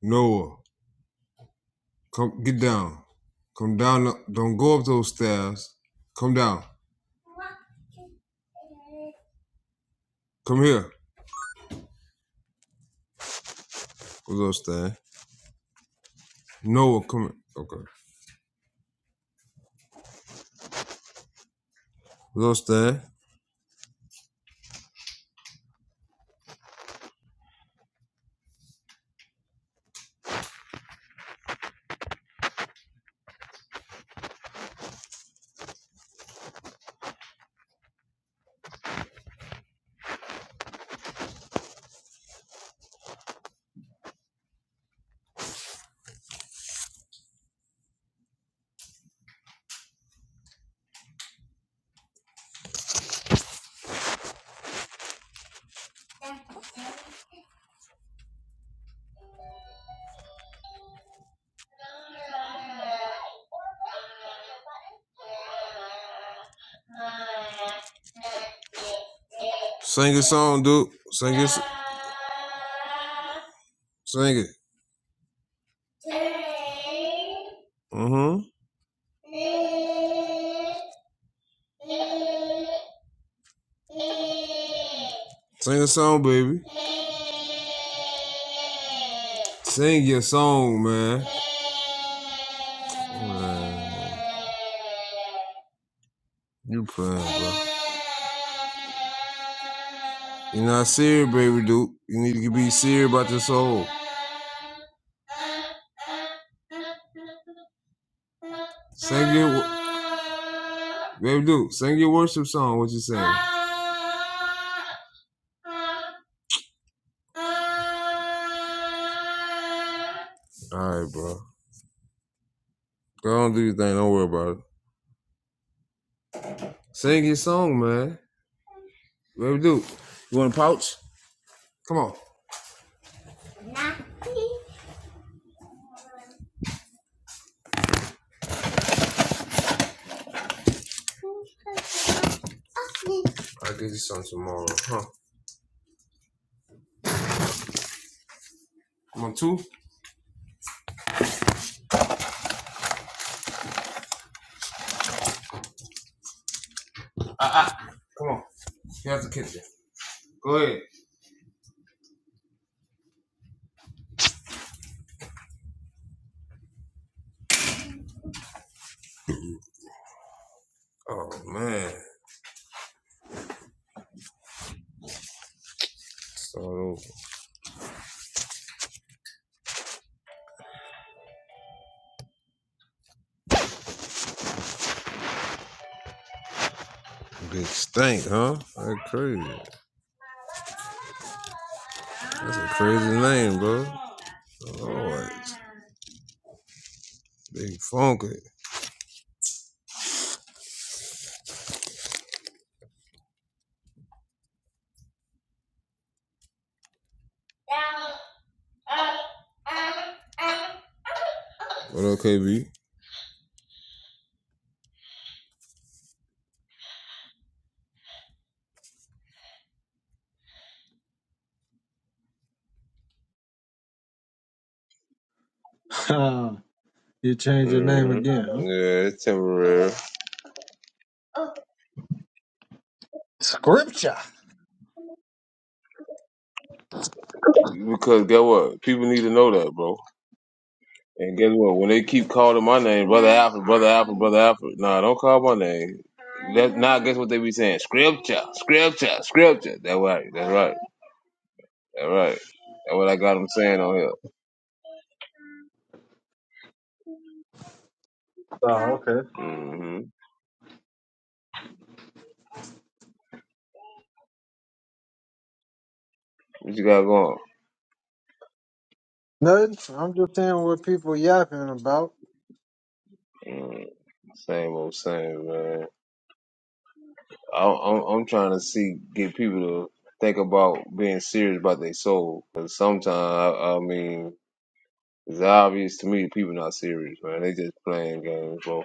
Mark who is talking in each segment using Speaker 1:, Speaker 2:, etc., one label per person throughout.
Speaker 1: Noah, come get down. Come down. the- Don't go up those stairs. Come down. Come here. What's up, Stan? Noah, come here. Okay. What's up, Stan? Sing a song, dude. Sing it. Sing it. Mm-hmm. Sing a song, baby. Sing your song, man. Man. You playing, bro. You're not serious, baby dude. You need to be serious about this soul. Sing your wo- baby dude. Sing your worship song. What you saying? All right, bro. Go on, do your thing. Don't worry about it. Sing your song, man. Baby dude, You want a pouch? Come on. I'll get you some tomorrow, huh? Come on, two. Come on. Here's the kitchen. Go ahead. Oh man. Start over. Big stink, huh? That's crazy. That's a crazy name, bro. Lord. Big funky. What up, KB?
Speaker 2: you change your name
Speaker 1: hmm
Speaker 2: again, huh?
Speaker 1: Yeah, it's temporary.
Speaker 2: Scripture.
Speaker 1: Because get what? People need to know that, bro. And guess what? When they keep calling my name, brother Alfred, brother Alfred, brother Alfred. Nah, don't call my name. That now guess what they be saying? Scripture, scripture, scripture. That right. That's right. That's right. That's what I got them saying on here.
Speaker 2: Oh, okay.
Speaker 1: hmm What you got going?
Speaker 2: Nothing. I'm just saying what people yapping about.
Speaker 1: Mm, Same old same, man. I, I'm I'm trying to see get people to think about being serious about their soul. Cause sometimes I, I mean, it's obvious to me that people not serious, man. They just playing games, bro.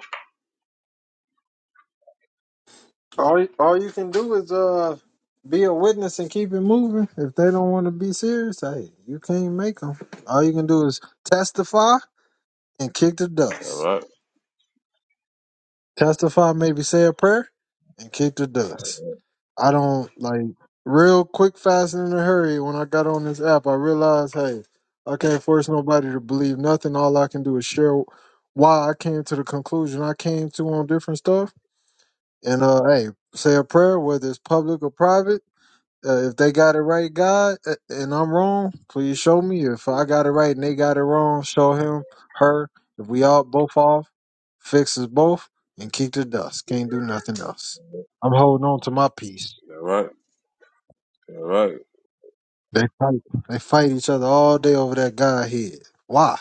Speaker 2: All you- all you can do is uh be a witness and keep it moving. If they don't want to be serious, hey, you can't make them. All you can do is testify and kick the
Speaker 1: All
Speaker 2: dust.
Speaker 1: right,
Speaker 2: Testify, maybe say a prayer and kick the dust. I don't like real quick, fast, and in a hurry. When I got on this app, I realized, hey, I can't force nobody to believe nothing. All I can do is share why I came to the conclusion I came to on different stuff. And uh, hey, say a prayer, whether it's public or private. Uh, if they got it right, God, uh, and I'm wrong, please show me. If I got it right and they got it wrong, show him, her. If we all both off, fix us both and kick the dust. Can't do nothing else. I'm holding on to my peace.
Speaker 1: all right, all right.
Speaker 2: They fight. They fight each other all day over that guy head. Why?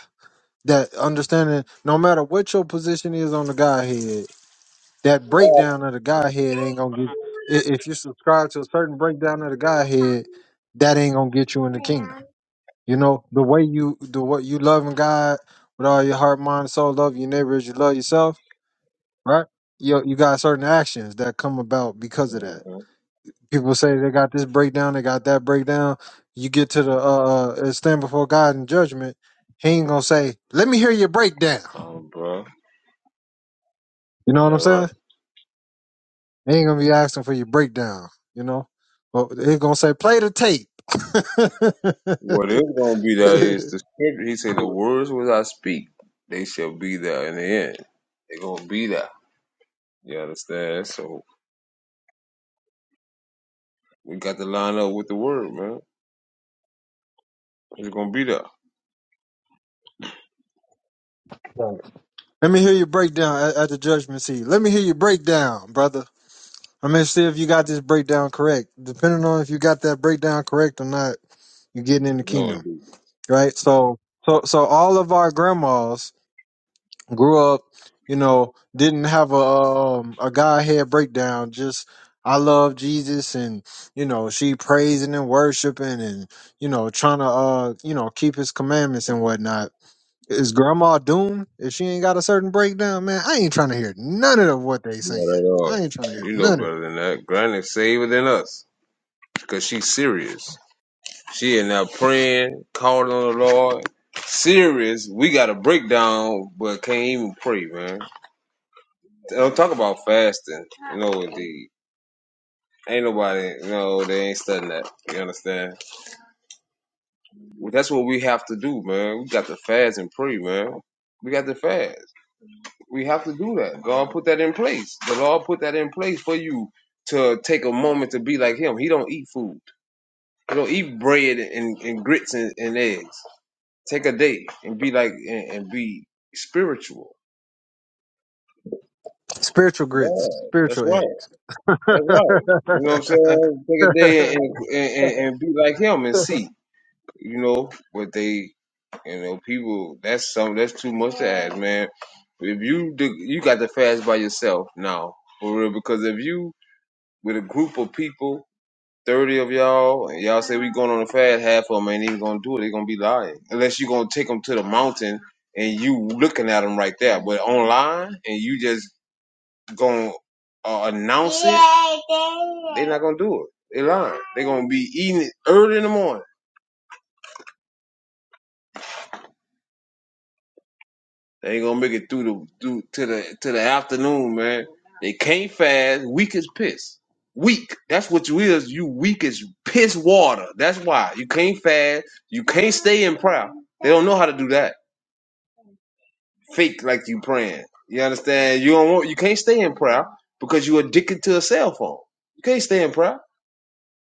Speaker 2: That understanding, no matter what your position is on the guy head, that breakdown of the guy head ain't gonna get. i- If you subscribe to a certain breakdown of the guy head, that ain't gonna get you in the kingdom. You know the way you the what you loving God with all your heart, mind, soul, love your neighbor as you love yourself, right? You you got certain actions that come about because of that
Speaker 1: Mm-hmm.
Speaker 2: people say they got this breakdown, they got that breakdown. You get to the uh, uh stand before God in judgment, He ain't gonna say, "Let me hear your breakdown."
Speaker 1: Um, bro,
Speaker 2: You know what I'm
Speaker 1: all right.
Speaker 2: saying? He ain't gonna be asking for your breakdown. You know, but he's gonna say, "Play the tape."
Speaker 1: What is gonna be there is the scripture. He said, "The words which I speak, they shall be there in the end. They gonna be there." You understand? So we got to line up with the word, man. It's gonna be there.
Speaker 2: Right. Let me hear your breakdown at, at the judgment seat. Let me hear your breakdown, brother. I'm gonna see if you got this breakdown correct. Depending on if you got that breakdown correct or not, you're getting in the
Speaker 1: No,
Speaker 2: kingdom,
Speaker 1: indeed.
Speaker 2: right? So, so, so all of our grandmas grew up, you know, didn't have a um a Godhead breakdown. Just I love Jesus, and you know, she praising and worshiping, and you know, trying to uh you know keep His commandments and whatnot. Is Grandma doomed if she ain't got a certain breakdown? Man, I ain't trying to hear none of what they
Speaker 1: not
Speaker 2: saying.
Speaker 1: at all.
Speaker 2: I ain't trying to hear
Speaker 1: You know
Speaker 2: none of it.
Speaker 1: better than that. Granted, save her than us, cause she's serious. She in there praying, calling on the Lord. Serious. We got a breakdown, but can't even pray, man. Don't talk about fasting. No, indeed. Ain't nobody, no, they ain't studying that. You understand? Well, that's what we have to do, man. We got to fast and pray, man. We got to fast. We have to do that. God put that in place. The Lord put that in place for you to take a moment to be like Him. He don't eat food. He don't eat bread and, and grits and, and eggs. Take a day and be like and, and be spiritual.
Speaker 2: Spiritual grits,
Speaker 1: Yeah, that's
Speaker 2: spiritual
Speaker 1: right.
Speaker 2: eggs.
Speaker 1: That's right. You know what I'm saying? Take a day and and, and, and be like Him and see. You know, but they, you know, people. That's something. That's too much to ask, man. If you do, you got to fast by yourself now, for real. Because if you with a group of people, 30 of y'all, and y'all say we going on a fast, half of them ain't even going to do it. they going to be lying. Unless you going to take them to the mountain and you looking at them right there. But online and you just going to uh, announce it, they are not going to do it. They lying. they going to be eating it early in the morning. They ain't gonna make it through the through to the to the afternoon, man. They can't fast, weak as piss. Weak. That's what you is. You weak as piss water. That's why. You can't fast. You can't stay in prayer. They don't know how to do that. Fake like you praying. You understand? You don't want you can't stay in prayer because you addicted to a cell phone. You can't stay in prayer.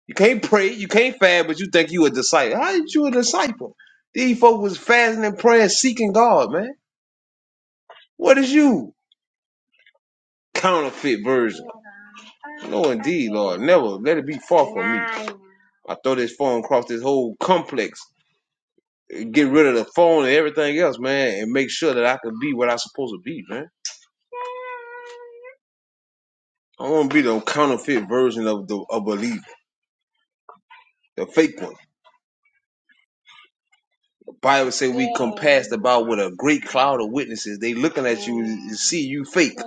Speaker 1: You can't pray. You can't fast, but you think you a disciple. How is you a disciple? These folk was fasting and praying, seeking God, man. What is you? counterfeit version. No, indeed, Lord. Never let it be far from me. I throw this phone across this whole complex, get rid of the phone and everything else, man, and make sure that I can be what I'm supposed to be, man. I want to be the counterfeit version of the of believer, the fake one. The Bible say we compassed about with a great cloud of witnesses. They looking at you and see you fake.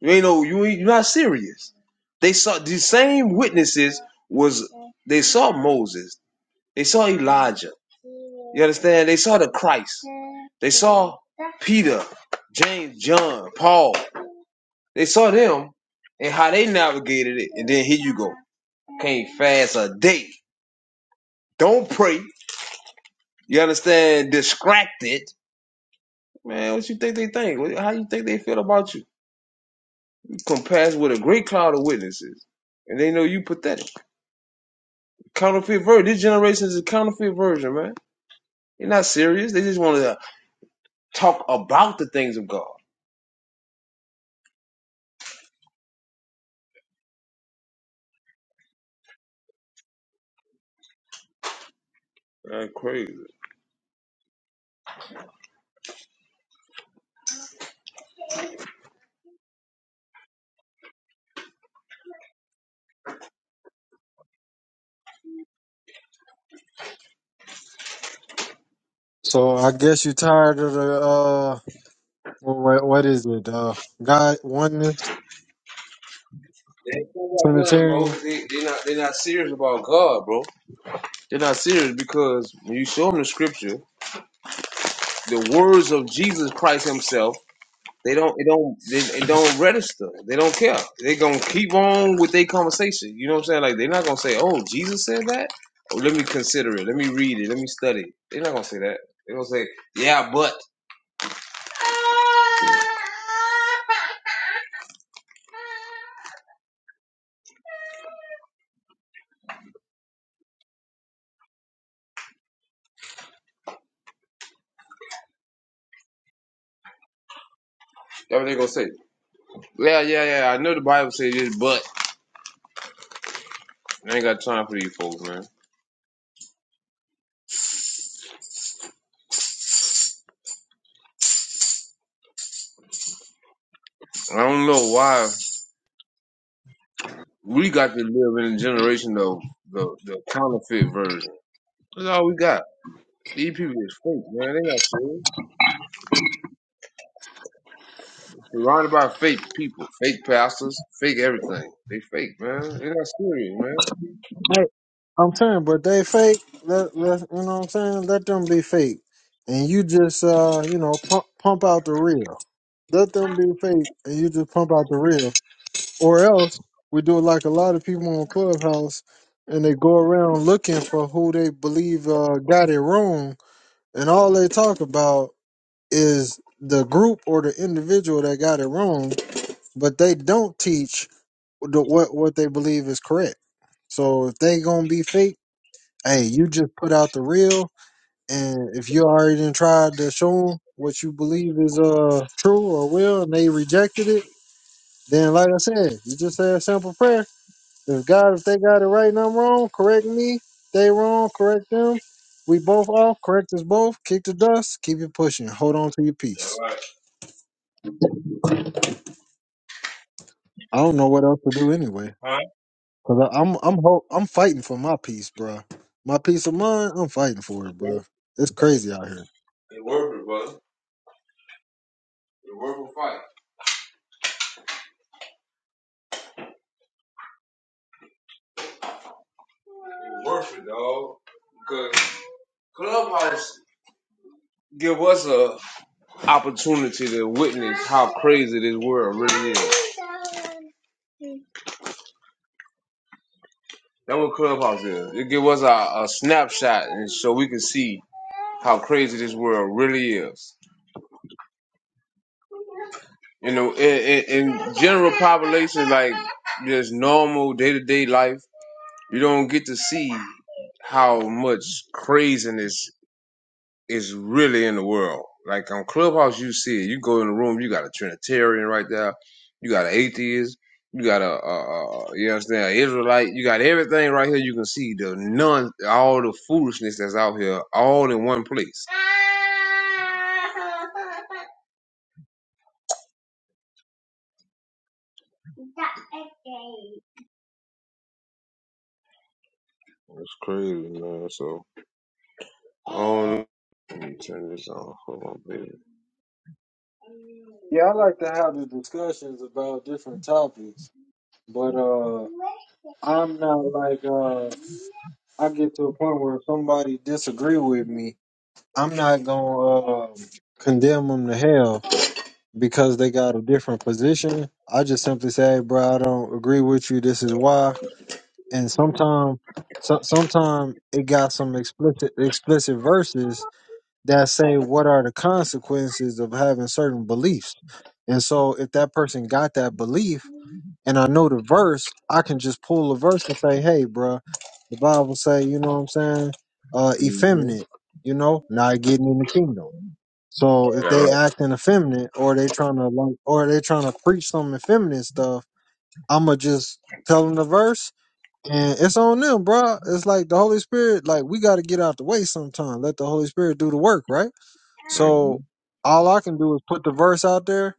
Speaker 1: You ain't no, you ain't, you're not serious. They saw these same witnesses was they saw Moses. They saw Elijah. You understand? They saw the Christ. They saw Peter, James, John, Paul. They saw them and how they navigated it. And then here you go. Can't fast a day. Don't pray. You understand? Distracted. Man, what you think they think? How you think they feel about you? You compass with a great cloud of witnesses. And they know you pathetic. Counterfeit version. This generation is a counterfeit version, man. They're not serious. They just want to talk about the things of God. Man, crazy.
Speaker 2: so I guess you tired of the uh, what, what is it? Uh, God oneness
Speaker 1: They ain't talking about nothing,
Speaker 2: Trinitarian.
Speaker 1: bro. They they not they not serious about God, bro. They're not serious because when you show them the scripture, the words of Jesus Christ Himself, they don't they don't they, they don't register. They don't care. They gonna keep on with their conversation. You know what I'm saying? Like they're not gonna say, "Oh, Jesus said that." Oh, let me consider it. Let me read it. Let me study. They're not gonna say that. They're gonna say, "Yeah, but." That's what they're gonna say. Yeah, yeah, yeah. I know the Bible says this, but I ain't got time for you folks, man. I don't know why. We got to live in a generation of the the counterfeit version. That's all we got. These people is fake, man. They not serious. Surrounded by fake people, fake pastors, fake everything. They fake, man. They not serious, man.
Speaker 2: Hey, I'm saying, but they fake. Let, let, you know what I'm saying? Let them be fake. And you just, uh, you know, pump, pump out the real. Let them be fake, and you just pump out the real. Or else, we do it like a lot of people on Clubhouse, and they go around looking for who they believe uh, got it wrong, and all they talk about is the group or the individual that got it wrong, but they don't teach the, what what they believe is correct. So if they gonna be fake, hey, you just put out the real, and if you already done tried to show them what you believe is uh true or real, and they rejected it, then like I said, you just say a simple prayer. If God, if they got it right and I'm wrong, correct me. They wrong, correct them. We both off, correct us both. Kick the dust, keep it pushing. Hold on to your
Speaker 1: Yeah,
Speaker 2: peace.
Speaker 1: right.
Speaker 2: I don't know what else to do anyway.
Speaker 1: Huh?
Speaker 2: Cause I- I'm I'm ho- I'm fighting for my peace, bro. My peace of mind, I'm fighting for it, bro.
Speaker 1: It's
Speaker 2: It's crazy out here.
Speaker 1: worth it, brother. It's worth a fight. It's worth it, dog. Because Clubhouse give us a opportunity to witness how crazy this world really is. That's what Clubhouse is. It give us a, a snapshot, and so we can see how crazy this world really is. You know, in, in, in general population, like just normal day to day life, you don't get to see how much craziness is really in the world. Like on Clubhouse, you see it. You go in the room, you got a Trinitarian right there, you got an atheist, you got a, a, a you understand, an Israelite, you got everything right here. You can see the none, all the foolishness that's out here, all in one place. That's crazy, man. So, I don't know. Let me turn this on. Hold on, baby.
Speaker 2: Yeah, I like to have the discussions about different topics, but uh, I'm not like uh, I get to a point where if somebody disagree with me, I'm not gonna um, condemn them to hell because they got a different position. I just simply say, bro, I don't agree with you. This is why. And sometimes, so, sometimes it got some explicit explicit verses that say what are the consequences of having certain beliefs. And so if that person got that belief and I know the verse, I can just pull a verse and say, hey, bruh, the Bible say, you know what I'm saying, uh,
Speaker 1: Mm-hmm.
Speaker 2: effeminate, you know, not getting in the kingdom. So if
Speaker 1: Yeah,
Speaker 2: they
Speaker 1: right.
Speaker 2: acting effeminate or they trying to like, or they trying to preach some effeminate stuff, I'ma just tell them the verse and it's on them, bruh. It's like the Holy Spirit, like we got to get out the way sometime. Let the Holy Spirit do the work, right?
Speaker 1: Mm-hmm.
Speaker 2: So all I can do is put the verse out there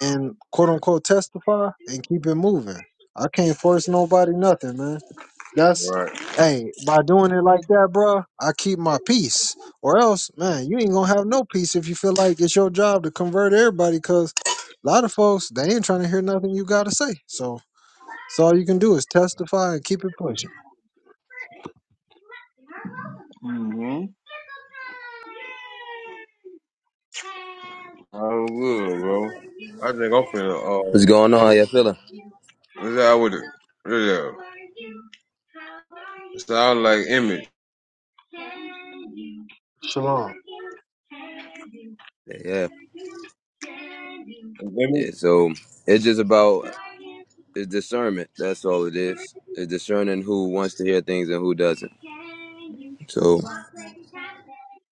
Speaker 2: and quote unquote testify and keep it moving. I can't force nobody nothing, man. That's
Speaker 1: Right.
Speaker 2: hey, by doing it like that, bruh, I keep my peace. Or else, man, you ain't gonna have no peace if you feel like it's your job to convert everybody because a lot of folks they ain't trying to hear nothing you gotta say. So so all you can do is testify and keep it pushing.
Speaker 1: Mm-hmm. I was good, bro. I think I'm finna, uh,
Speaker 3: What's going on? How you feeling?
Speaker 1: what's that with it? Yeah. Sound like image.
Speaker 2: Shalom.
Speaker 3: Yeah, yeah.
Speaker 1: Image?
Speaker 3: Yeah, So it's just about it's discernment. That's all it is. It's discerning who wants to hear things and who doesn't. So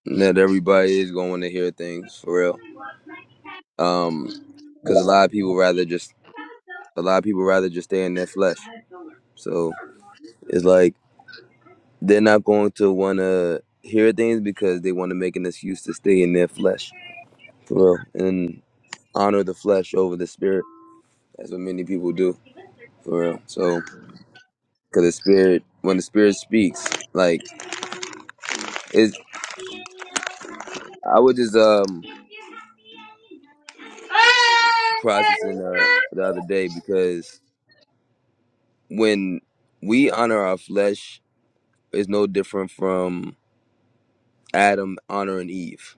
Speaker 3: not everybody is going to hear things for real. Um, because a lot of people rather just a lot of people rather just stay in their flesh. So it's like they're not going to want to hear things because they want to make an excuse to stay in their flesh for real and honor the flesh over the spirit. That's what many people do for real. So. Cause the spirit, when the spirit speaks, like is I was just um processing uh the other day because when we honor our flesh, is no different from Adam honoring Eve.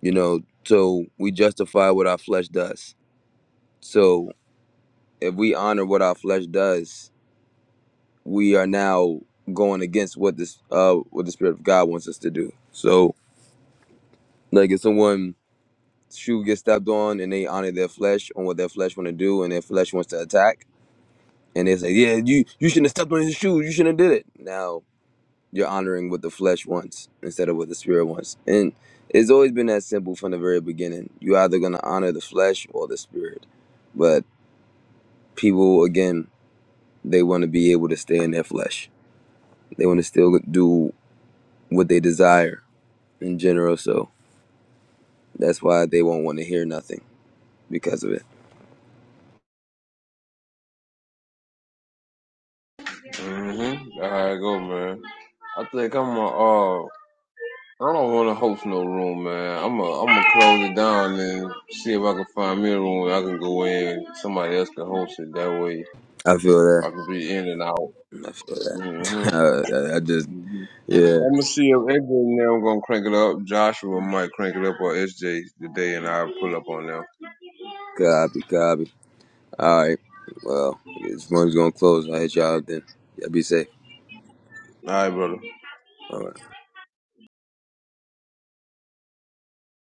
Speaker 3: You know, so we justify what our flesh does. So if we honor what our flesh does, we are now going against what this uh what the spirit of God wants us to do. So like if someone shoe gets stepped on and they honor their flesh on what their flesh want to do and their flesh wants to attack and they say yeah you you shouldn't have stepped on his shoe you shouldn't have did it now you're honoring what the flesh wants instead of what the spirit wants and it's always been that simple from the very beginning you either going to honor the flesh or the spirit but people again they want to be able to stay in their flesh they want to still do what they desire in general so that's why they won't want to hear nothing because of it
Speaker 1: Mm-hmm. That's how it go, man. I think I'm a, uh, I don't want to host no room, man. I'm gonna. i I'm gonna close it down and see if I can find me a room I can go in. Somebody else can host it that way.
Speaker 3: i feel that
Speaker 1: I could be in and out.
Speaker 3: I feel that.
Speaker 1: hmm
Speaker 3: I I just,
Speaker 1: hmm
Speaker 3: yeah,
Speaker 1: I'm gonna see if SJ I'm gonna crank it up. Joshua might crank it up or SJ today, and I'll pull up on them.
Speaker 3: copy, copy. All right. Well, I guess this one's going to close. I'll hit y'all then. Y'all be safe.
Speaker 1: All right, brother.
Speaker 3: All right.